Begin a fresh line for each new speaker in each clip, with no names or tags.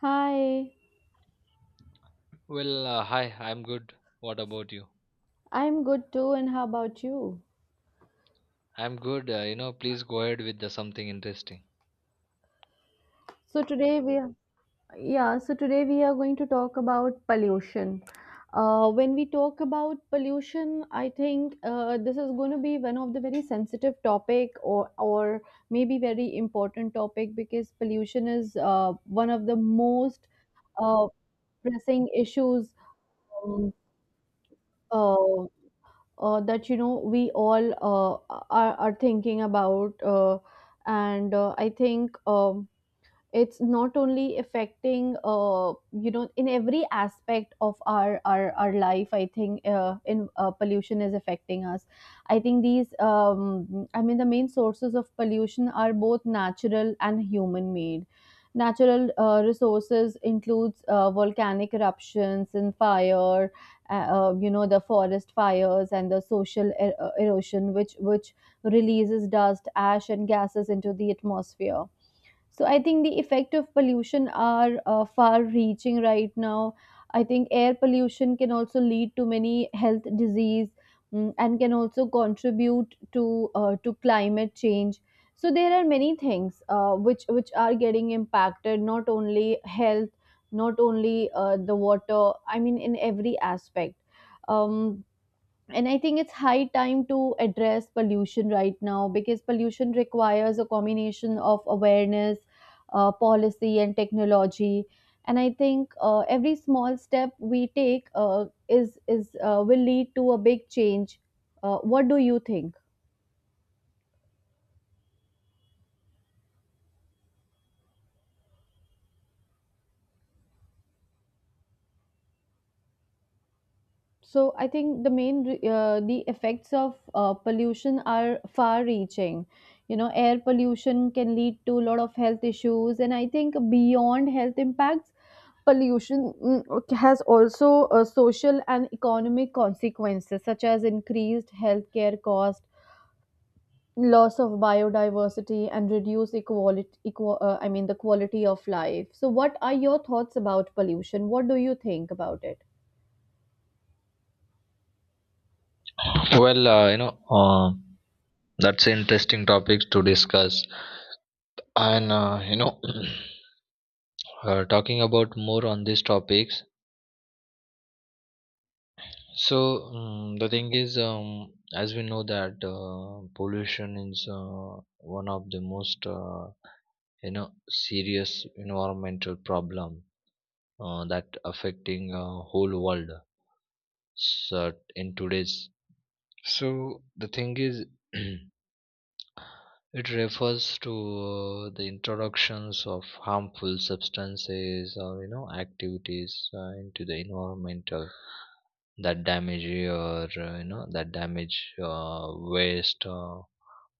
Hi,
Hi, I'm good. What about you?
I'm good too, and how about you?
I'm good. Please go ahead with the something interesting.
So today we are, yeah, so today we are going to talk about pollution. When we talk about pollution, I think this is going to be one of the very sensitive topic or maybe very important topic because pollution is one of the most uh, pressing issues um, uh, that we all are thinking about, and I think it's not only affecting, you know, in every aspect of our life. I think in pollution is affecting us. I think these the main sources of pollution are both natural and human made. Natural resources includes volcanic eruptions and fire, you know, the forest fires and the social erosion which releases dust, ash and gases into the atmosphere. So I think the effect of pollution are far-reaching right now. I think air pollution can also lead to many health disease, and can also contribute to climate change. So there are many things which are getting impacted. Not only health, not only the water. I mean, in every aspect. Um, and I think it's high time to address pollution right now because pollution requires a combination of awareness, policy and technology. And I think every small step we take is will lead to a big change. What do you think? So I think the effects of pollution are far-reaching. You know, air pollution can lead to a lot of health issues, and I think beyond health impacts, pollution, has also social and economic consequences, such as increased healthcare cost, loss of biodiversity, and reduced equality. I mean, the quality of life. So, what are your thoughts about pollution? What do you think about it?
Well, uh, you know, uh, that's an interesting topics to discuss. And uh, you know, talking about more on these topics. The thing is, as we know that pollution is one of the most serious environmental problem that affecting whole world so in today's. So the thing is, it refers to the introductions of harmful substances or activities into the environment, that damage or that damage, waste,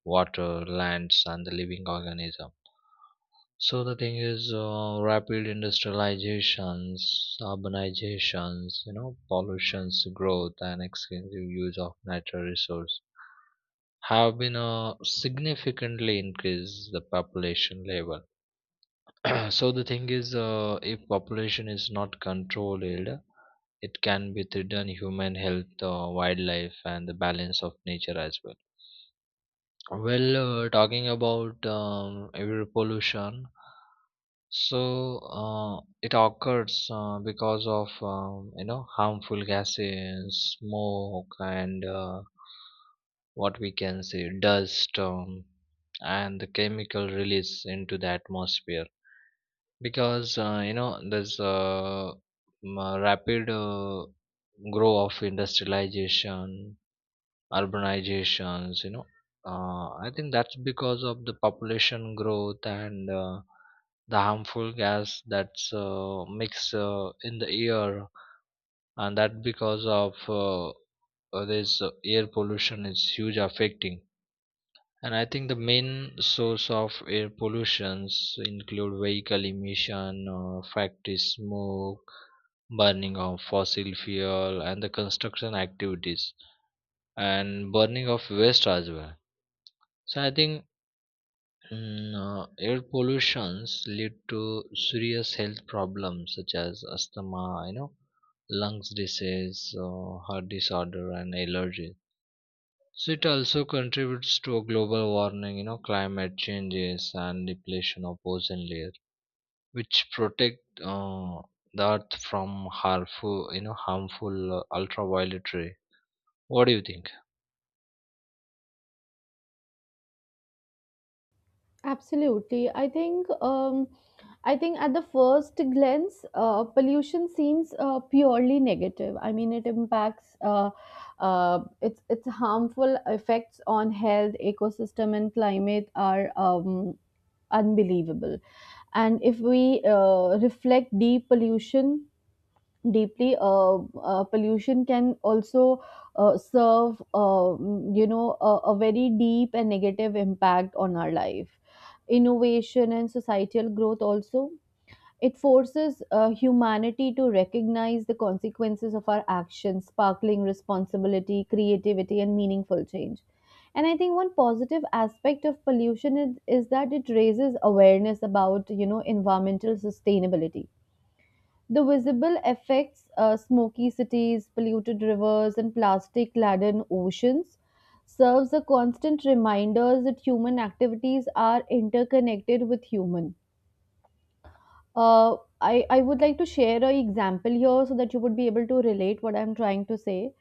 water, lands, and the living organism. So the thing is, rapid industrializations, urbanizations, pollution's growth, and extensive use of natural resource have been significantly increased the population level. So the thing is, if population is not controlled, it can be threaten human health, wildlife, and the balance of nature as well. well Talking about air pollution. It occurs because of harmful gases, smoke, and what we can say dust, and the chemical release into the atmosphere, because there's a rapid grow of industrialization, urbanizations, I think that's because of the population growth and the harmful gas that's mixed in the air, and that because of this air pollution is huge affecting. And I think the main source of air pollutions include vehicle emission, factory smoke, burning of fossil fuel, and the construction activities, and burning of waste as well. So I think, air pollutions lead to serious health problems such as asthma, you know, lungs disease, heart disorder, and allergies. So it also contributes to a global warming, you know, climate changes and depletion of ozone layer, which protect uh, the earth from harmful, harmful ultraviolet ray. What do you think?
Absolutely. I think at the first glance, pollution seems purely negative. I mean, it impacts its harmful effects on health, ecosystem, and climate are unbelievable. And if we reflect deep pollution deeply, pollution can also serve, a very deep and negative impact on our life, innovation and societal growth also. It forces humanity to recognize the consequences of our actions, sparkling responsibility, creativity and meaningful change. And I think one positive aspect of pollution is that it raises awareness about, you know, environmental sustainability. The visible effects, smoky cities, polluted rivers, and plastic laden oceans, serves a constant reminder that human activities are interconnected with human. I would like to share an example here so that you would be able to relate what I'm trying to say.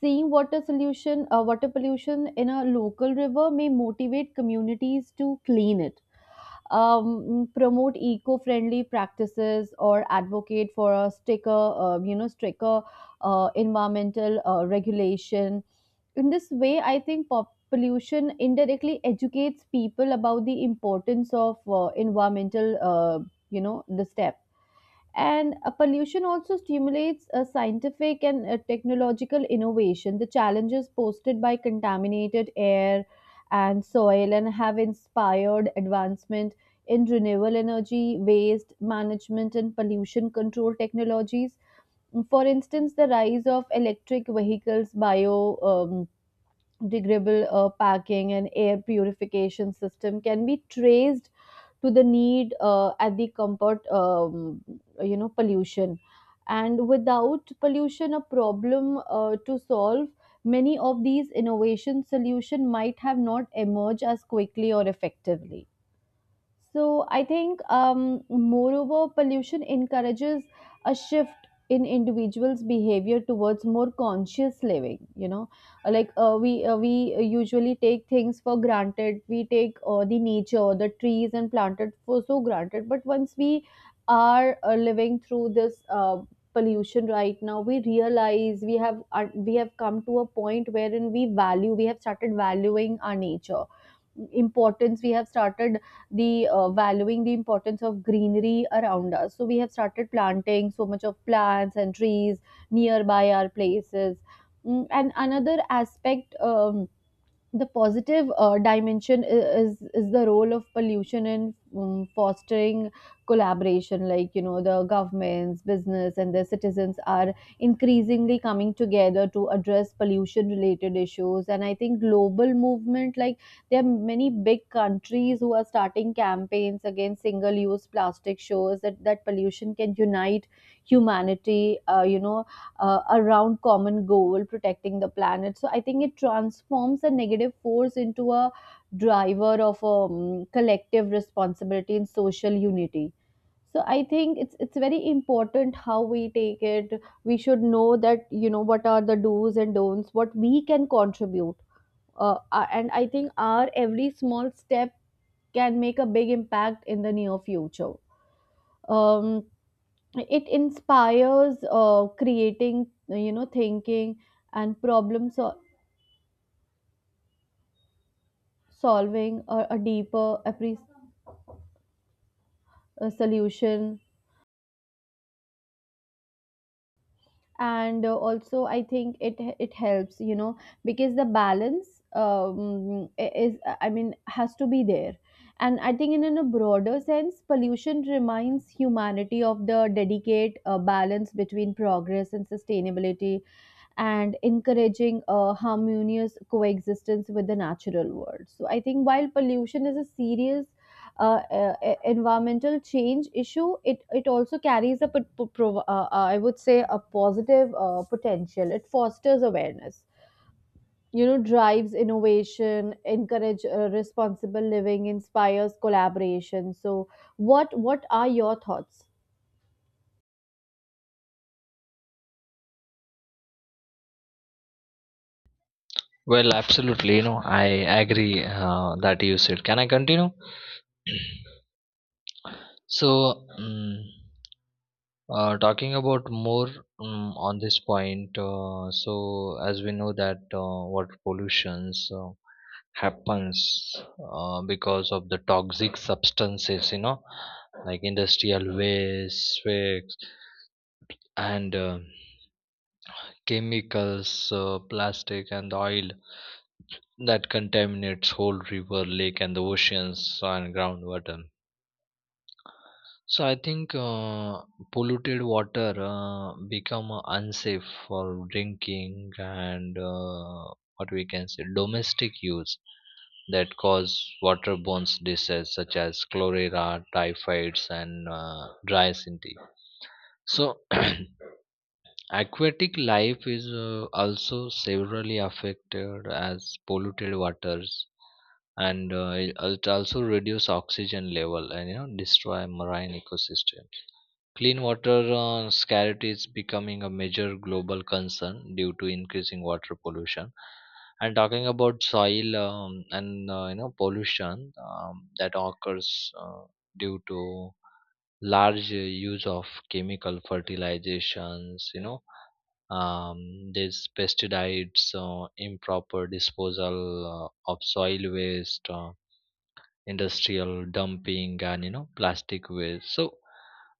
Seeing water pollution in a local river may motivate communities to clean it, promote eco-friendly practices or advocate for a stricter environmental regulation. In this way, I think pollution indirectly educates people about the importance of environmental, the step. And pollution also stimulates scientific and technological innovation. The challenges posted by contaminated air and soil and have inspired advancement in renewable energy, waste management, and pollution control technologies. For instance, the rise of electric vehicles, bio degradable packing and air purification system can be traced to the need at the comfort you know pollution, and without pollution a problem to solve, many of these innovation solution might have not emerged as quickly or effectively. So I think, moreover, pollution encourages a shift in individuals' behavior towards more conscious living. You know, like we usually take things for granted. We take the nature, the trees and planted for so granted. But once we are living through this. Pollution right now we realize we have, we have come to a point wherein we have started valuing our nature importance. We have started the valuing the importance of greenery around us. So we have started planting so much of plants and trees nearby our places. And another aspect, the positive dimension is the role of pollution in, fostering collaboration, like you know, the governments, business and their citizens are increasingly coming together to address pollution related issues. And I think global movement, like there are many big countries who are starting campaigns against single use plastic, shows that pollution can unite humanity, around common goal, protecting the planet. So I think it transforms a negative force into a driver of, collective responsibility and social unity. So I think it's very important how we take it. We should know that, you know, what are the do's and don'ts, what we can contribute. And I think our every small step can make a big impact in the near future. Um, it inspires creating, you know, thinking and solving or a deeper solution. And also I think it it helps, you know, because the balance, is, I mean, has to be there. And I think in a broader sense, pollution reminds humanity of the delicate balance between progress and sustainability, and encouraging a harmonious coexistence with the natural world. So I think while pollution is a serious environmental change issue, it also carries a I would say a positive potential. It fosters awareness, you know, drives innovation, encourage responsible living, inspires collaboration. So, what are your thoughts?
Well, absolutely, I agree that you said. Can I continue? So. Talking about more on this point, so as we know that water pollutions happens because of the toxic substances, you know, like industrial waste, and chemicals, plastic, and oil that contaminates whole river, lake, and the oceans and groundwater. So I think, polluted water become unsafe for drinking and what we can say domestic use that cause waterborne diseases such as cholera, typhoids, and dry synthy. So aquatic life is also severely affected as polluted waters, and it also reduce oxygen level and you know destroy marine ecosystem. Clean water scarcity is becoming a major global concern due to increasing water pollution. And talking about soil, and pollution that occurs uh, due to large use of chemical fertilizations, you know, there's pesticides, improper disposal of soil waste, industrial dumping and you know plastic waste. so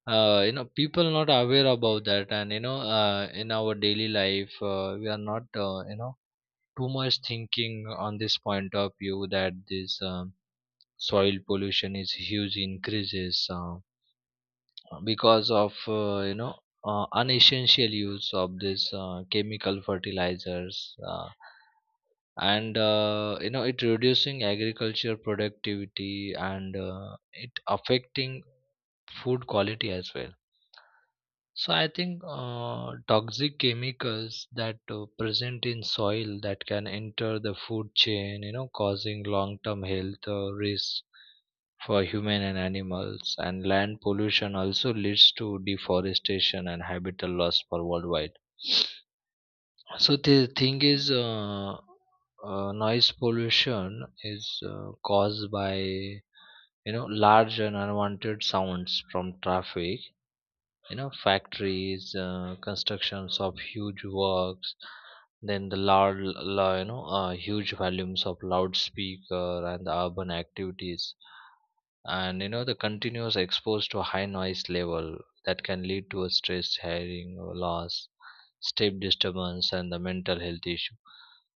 uh, you know people not aware about that, and you know in our daily life we are not, you know, too much thinking on this point of view that this, soil pollution is huge increases because of unessential use of this chemical fertilizers, and you know it reducing agriculture productivity and it affecting food quality as well. So I think toxic chemicals that present in soil that can enter the food chain, you know, causing long term health risks for human and animals, and land pollution also leads to deforestation and habitat loss for worldwide. So the thing is, noise pollution is caused by large and unwanted sounds from traffic. You know, factories, constructions of huge works, then the loud, huge volumes of loudspeaker and the urban activities, and you know the continuous exposed to high noise level that can lead to a stress, hearing loss, sleep disturbance, and the mental health issue.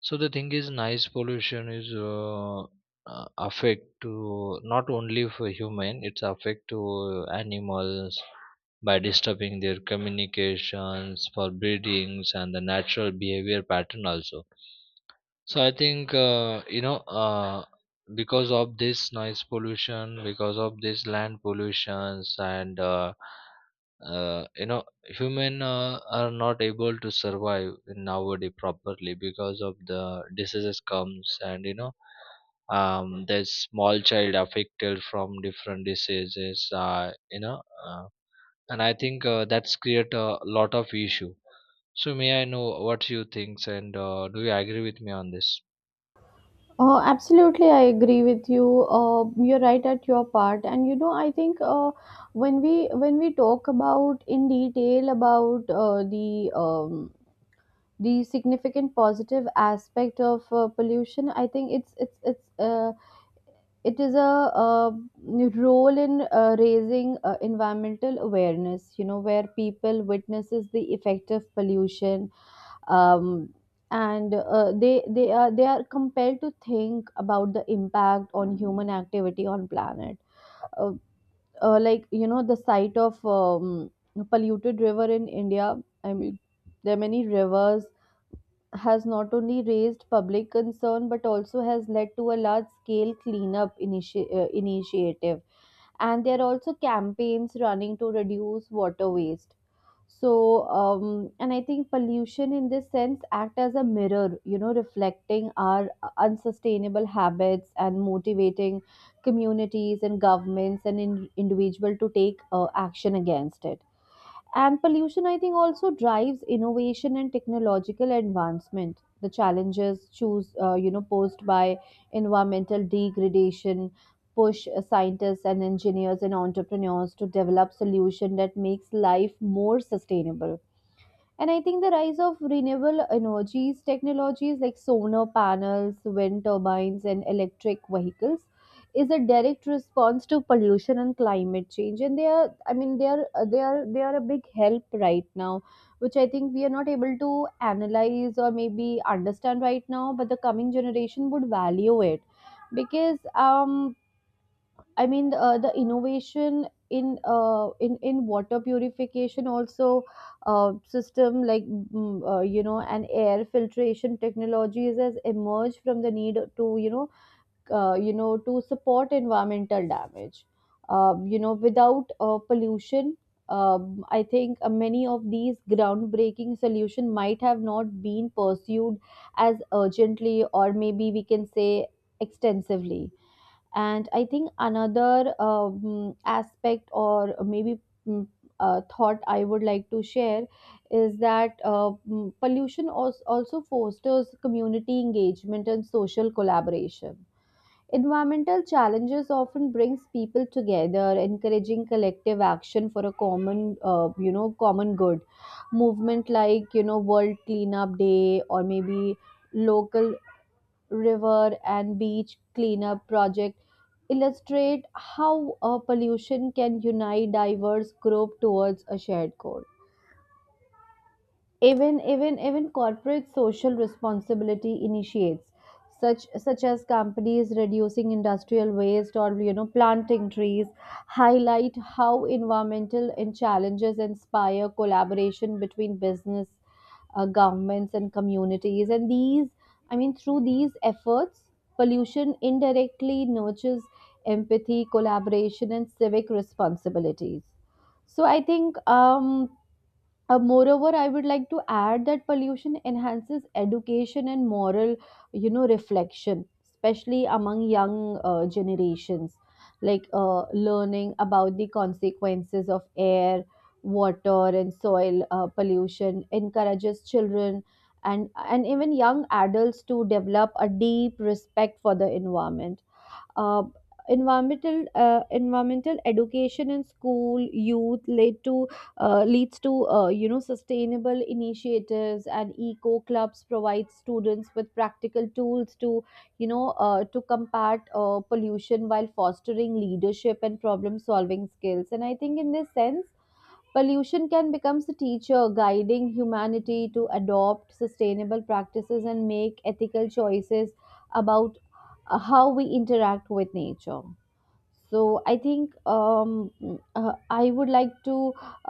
So the thing is, noise pollution is, affect to not only for human, it's affect to animals by disturbing their communications for breedings and the natural behavior pattern also. So I think, uh, because of this noise pollution, because of this land pollutions, and uh, you know human are not able to survive nowadays properly because of the diseases comes, and you know, there's small child affected from different diseases. Uh, and I think that's create a lot of issue. So may I know what you think, and do you agree with me on this?
Absolutely, I agree with you. You're right at your part, and you know, I think when we talk about in detail about the significant positive aspect of pollution, I think it is a, role in, raising environmental awareness, you know, where people witnesses the effect of pollution. Um, and they are compelled to think about the impact on human activity on planet, uh, like you know the site of, polluted river in India. I mean, there are many rivers, has not only raised public concern but also has led to a large scale cleanup initiative. And there are also campaigns running to reduce water waste. So, and I think pollution in this sense act as a mirror, you know, reflecting our unsustainable habits and motivating communities and governments and individual to take action against it. And pollution, I think, also drives innovation and technological advancement. The challenges choose, you know, posed by environmental degradation push scientists and engineers and entrepreneurs to develop solution that makes life more sustainable. And I think the rise of renewable energies technologies like solar panels, wind turbines, and electric vehicles is a direct response to pollution and climate change. And they are, I mean, they are a big help right now, which I think we are not able to analyze or maybe understand right now. But the coming generation would value it because, I mean, the innovation in, in water purification also system like, and air filtration technologies has emerged from the need to, you know, to support environmental damage. You know, without pollution, I think many of these groundbreaking solution might have not been pursued as urgently, or maybe we can say extensively. And I think another aspect, or maybe mm, thought I would like to share, is that pollution also fosters community engagement and social collaboration. Environmental challenges often brings people together, encouraging collective action for a common, you know, common good. Movement like, you know, World Cleanup Day, or maybe local river and beach cleanup project, illustrate how pollution can unite diverse group towards a shared goal. Even corporate social responsibility initiates, such as companies reducing industrial waste, or you know, planting trees, highlight how environmental and challenges inspire collaboration between business, governments and communities. And these, I mean, through these efforts, pollution indirectly nurtures empathy, collaboration, and civic responsibilities. So I think, moreover, I would like to add that pollution enhances education and moral, you know, reflection, especially among young generations. Like learning about the consequences of air, water, and soil pollution encourages children and even young adults to develop a deep respect for the environment. uh, Environmental environmental education in school youth led to leads to, you know, sustainable initiatives, and eco clubs provide students with practical tools to, to combat pollution while fostering leadership and problem solving skills. And I think, in this sense, pollution can become a teacher guiding humanity to adopt sustainable practices and make ethical choices about how we interact with nature. So I think I would like to,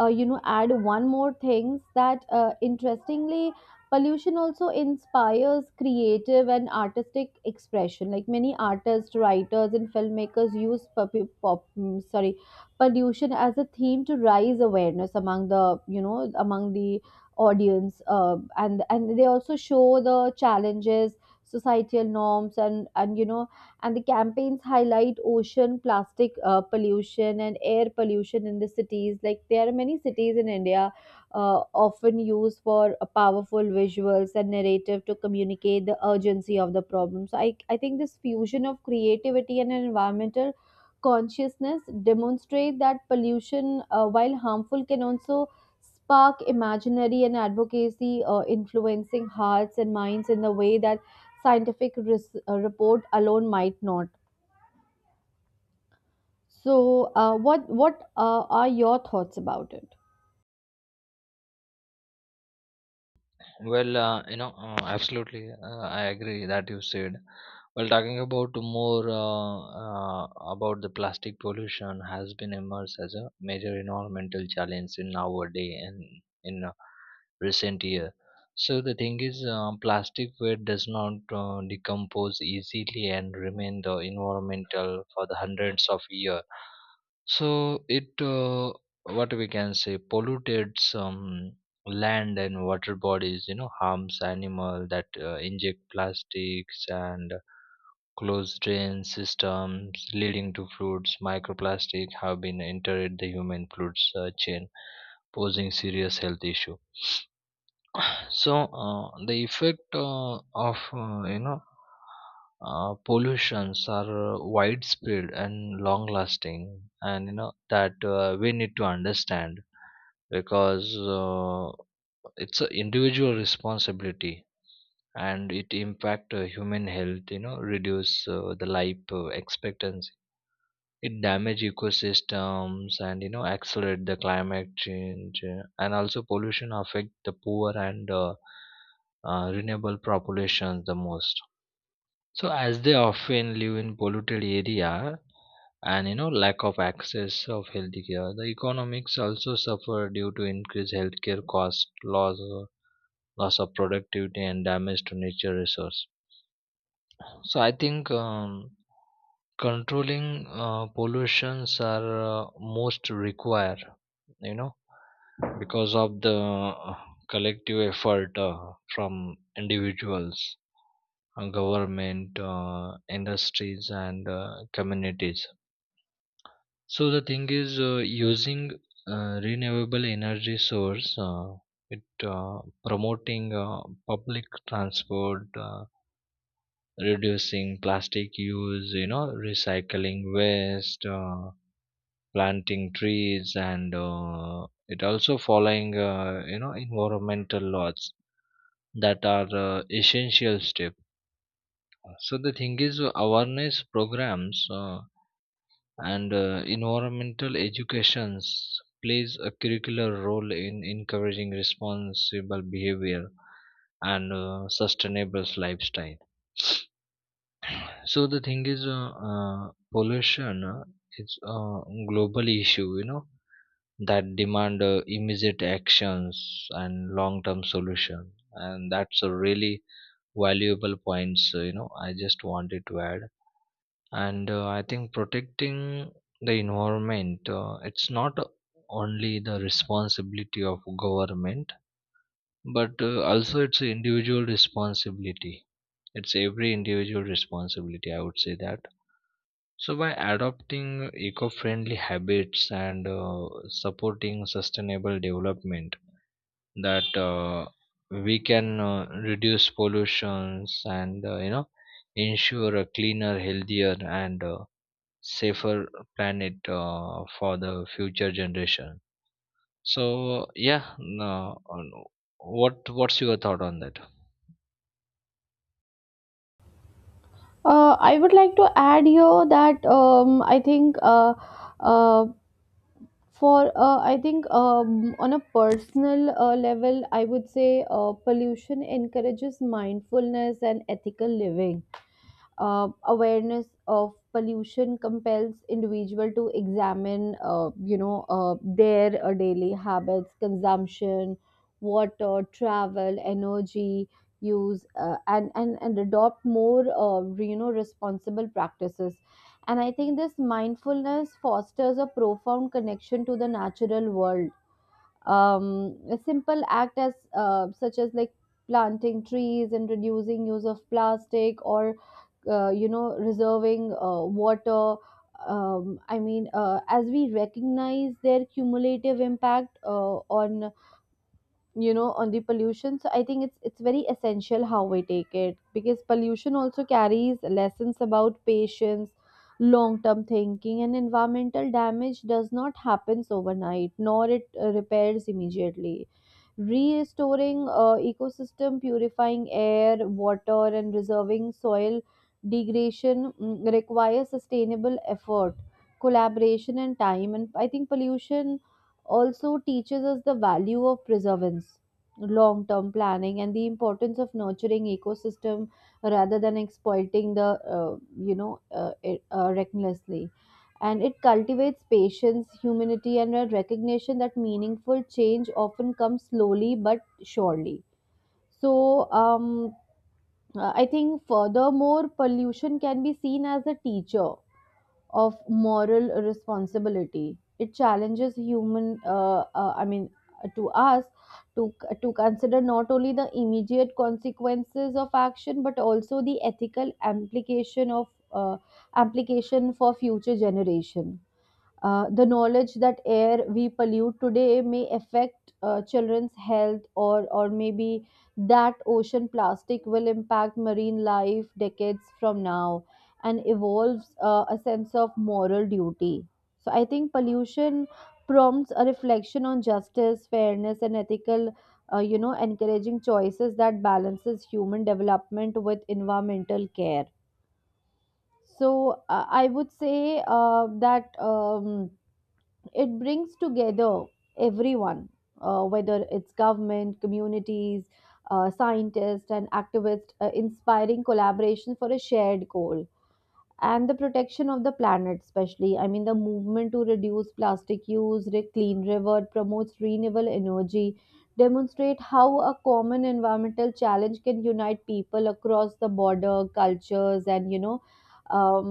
you know, add one more thing, that interestingly, pollution also inspires creative and artistic expression. Like many artists, writers, and filmmakers use sorry, pollution as a theme to raise awareness among the, you know among the audience, and they also show the challenges, societal norms, and, and the campaigns highlight ocean plastic pollution and air pollution in the cities. Like there are many cities in india often used for powerful visuals and narrative to communicate the urgency of the problem. So I think this fusion of creativity and environmental consciousness demonstrate that pollution, while harmful, can also spark imaginary and advocacy, influencing hearts and minds in the way that report alone might not. So, what are your thoughts about it?
Well, absolutely, I agree that you said. Well, talking about more, about the plastic pollution has been emerged as a major environmental challenge in our day and in, recent year. So the thing is, plastic waste does not decompose easily and remain the environmental for the hundreds of year. So it, what we can say, polluted some land and water bodies, you know, harms animal that inject plastics and closed drain systems, leading to fruits microplastic have been entered the human fruits chain, posing serious health issue. So the effect of pollutions are widespread and long lasting, and you know that we need to understand, because it's an individual responsibility, and it impact human health. You know, reduce the life expectancy, it damage ecosystems and you know accelerate the climate change, and also pollution affect the poor and renewable populations the most, so as they often live in polluted area and you know lack of access of healthcare. The economics also suffer due to increased healthcare cost, loss of productivity, and damage to nature resource. So I think, controlling pollutions are most require, you know, because of the collective effort from individuals, government, industries, and communities. So the thing is, using renewable energy source, it promoting public transport, reducing plastic use, you know, recycling waste, planting trees, and it also following environmental laws that are essential step. So the thing is, awareness programs, and environmental educations plays a curricular role in encouraging responsible behavior and sustainable lifestyle. So the thing is, pollution is a global issue, you know, that demand immediate actions and long-term solution, and that's a really valuable points. You know, I just wanted to add, and I think protecting the environment, it's not only the responsibility of government, but also it's individual responsibility. It's every individual responsibility, I would say that. So, by adopting eco friendly habits and supporting sustainable development, that we can reduce pollutions, and you know ensure a cleaner, healthier, and safer planet for the future generation. So, yeah, no, what what's your thought on that?
I would like to add here that I think uh, for I think on a personal level, I would say pollution encourages mindfulness and ethical living. Awareness of pollution compels individual to examine, their daily habits, consumption, water, travel, energy use, and adopt more, responsible practices. And I think this mindfulness fosters a profound connection to the natural world. A simple act as such as, like, planting trees and reducing use of plastic, or you know, reserving water. As we recognize their cumulative impact on, you know, on the pollution. So I think it's very essential how we take it, because pollution also carries lessons about patience, long term thinking, and environmental damage does not happens overnight, nor it repairs immediately. Restoring ecosystem, purifying air, water, and reserving soil degradation requires sustainable effort, collaboration, and time. And I think pollution also teaches us the value of preservance, long term planning, and the importance of nurturing ecosystem rather than exploiting the, recklessly. And it cultivates patience, humanity, and a recognition that meaningful change often comes slowly but surely. So I think, furthermore, pollution can be seen as a teacher of moral responsibility. It challenges to us to to consider not only the immediate consequences of action but also the ethical implication of uh, application for future generation. The knowledge that air we pollute today may affect children's health, or maybe that ocean plastic will impact marine life decades from now, and evolves a sense of moral duty. So, I think pollution prompts a reflection on justice, fairness, and ethical. You know, encouraging choices that balances human development with environmental care. So I would say that it brings together everyone, whether it's government, communities, scientists, and activists, inspiring collaboration for a shared goal and the protection of the planet. Especially, I mean, the movement to reduce plastic use, clean river, promotes renewable energy, demonstrate how a common environmental challenge can unite people across the border, cultures, and, you know, um,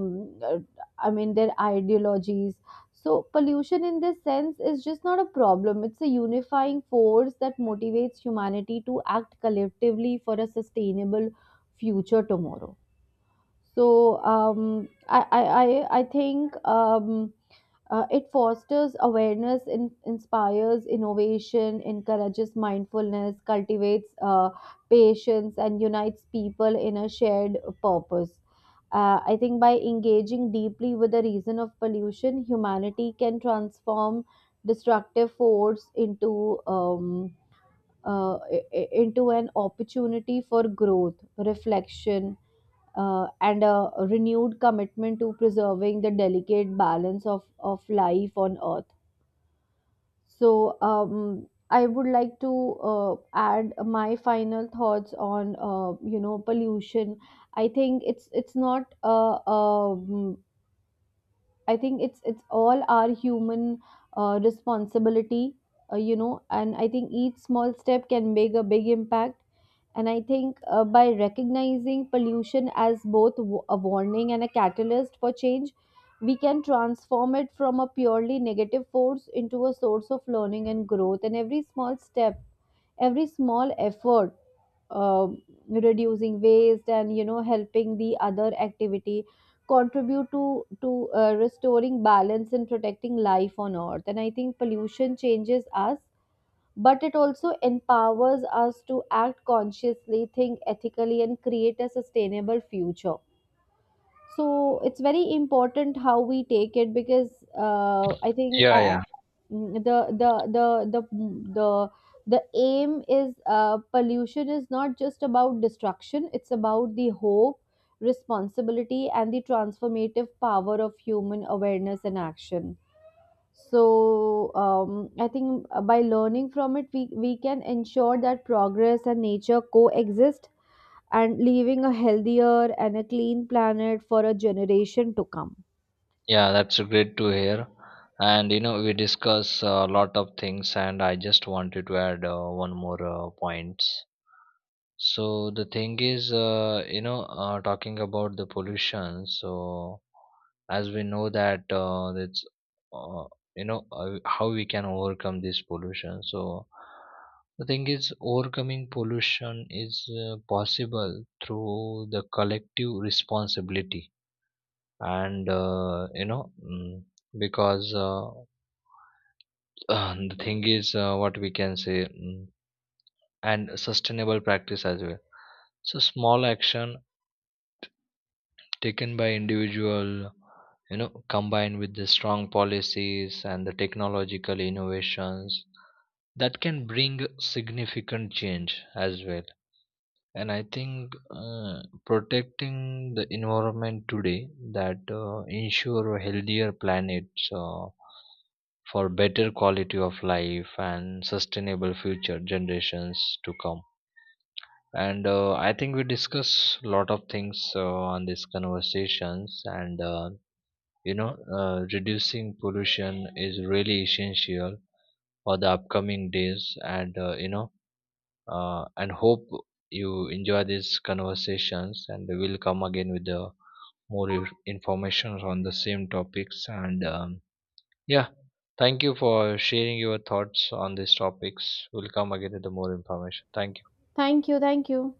uh, I mean, their ideologies. So pollution, in this sense, is just not a problem, it's a unifying force that motivates humanity to act collectively for a sustainable future tomorrow. So I think it fosters awareness, inspires innovation, encourages mindfulness, cultivates patience, and unites people in a shared purpose. I think by engaging deeply with the reason of pollution, humanity can transform destructive force into into an opportunity for growth, reflection, and a renewed commitment to preserving the delicate balance of life on earth. So, I would like to add my final thoughts on, pollution. I think it's not a, I think it's all our human responsibility, you know, and I think each small step can make a big impact. And I think by recognizing pollution as both a warning and a catalyst for change, we can transform it from a purely negative force into a source of learning and growth. And every small step, every small effort, uh, reducing waste, and, you know, helping the other activity contribute to restoring balance and protecting life on earth. And I think pollution changes us, but it also empowers us to act consciously, think ethically, and create a sustainable future. So it's very important how we take it. Because I think
Yeah, yeah.
mm, the the the the the the aim is pollution is not just about destruction; it's about the hope, responsibility, and the transformative power of human awareness and action. So I think by learning from it, we can ensure that progress and nature coexist, and leaving a healthier and a clean planet for a generation to come.
Yeah, that's great to hear. And you know, we discuss a lot of things, and I just wanted to add one more point. So the thing is, talking about the pollution. So as we know that that's uh, how we can overcome this pollution. So the thing is, overcoming pollution is possible through the collective responsibility and because the thing is what we can say, and sustainable practice as well. So small action taken by individual, you know, combined with the strong policies and the technological innovations that can bring significant change as well. And I think protecting the environment today that ensure a healthier planet uh, for better quality of life and sustainable future generations to come. And I think we discuss a lot of things on these conversations, and you know reducing pollution is really essential for the upcoming days, and and hope you enjoy these conversations, and we'll come again with the more information on the same topics. And Yeah, thank you for sharing your thoughts on these topics. We'll come again with the more information. Thank you.
Thank you. Thank you.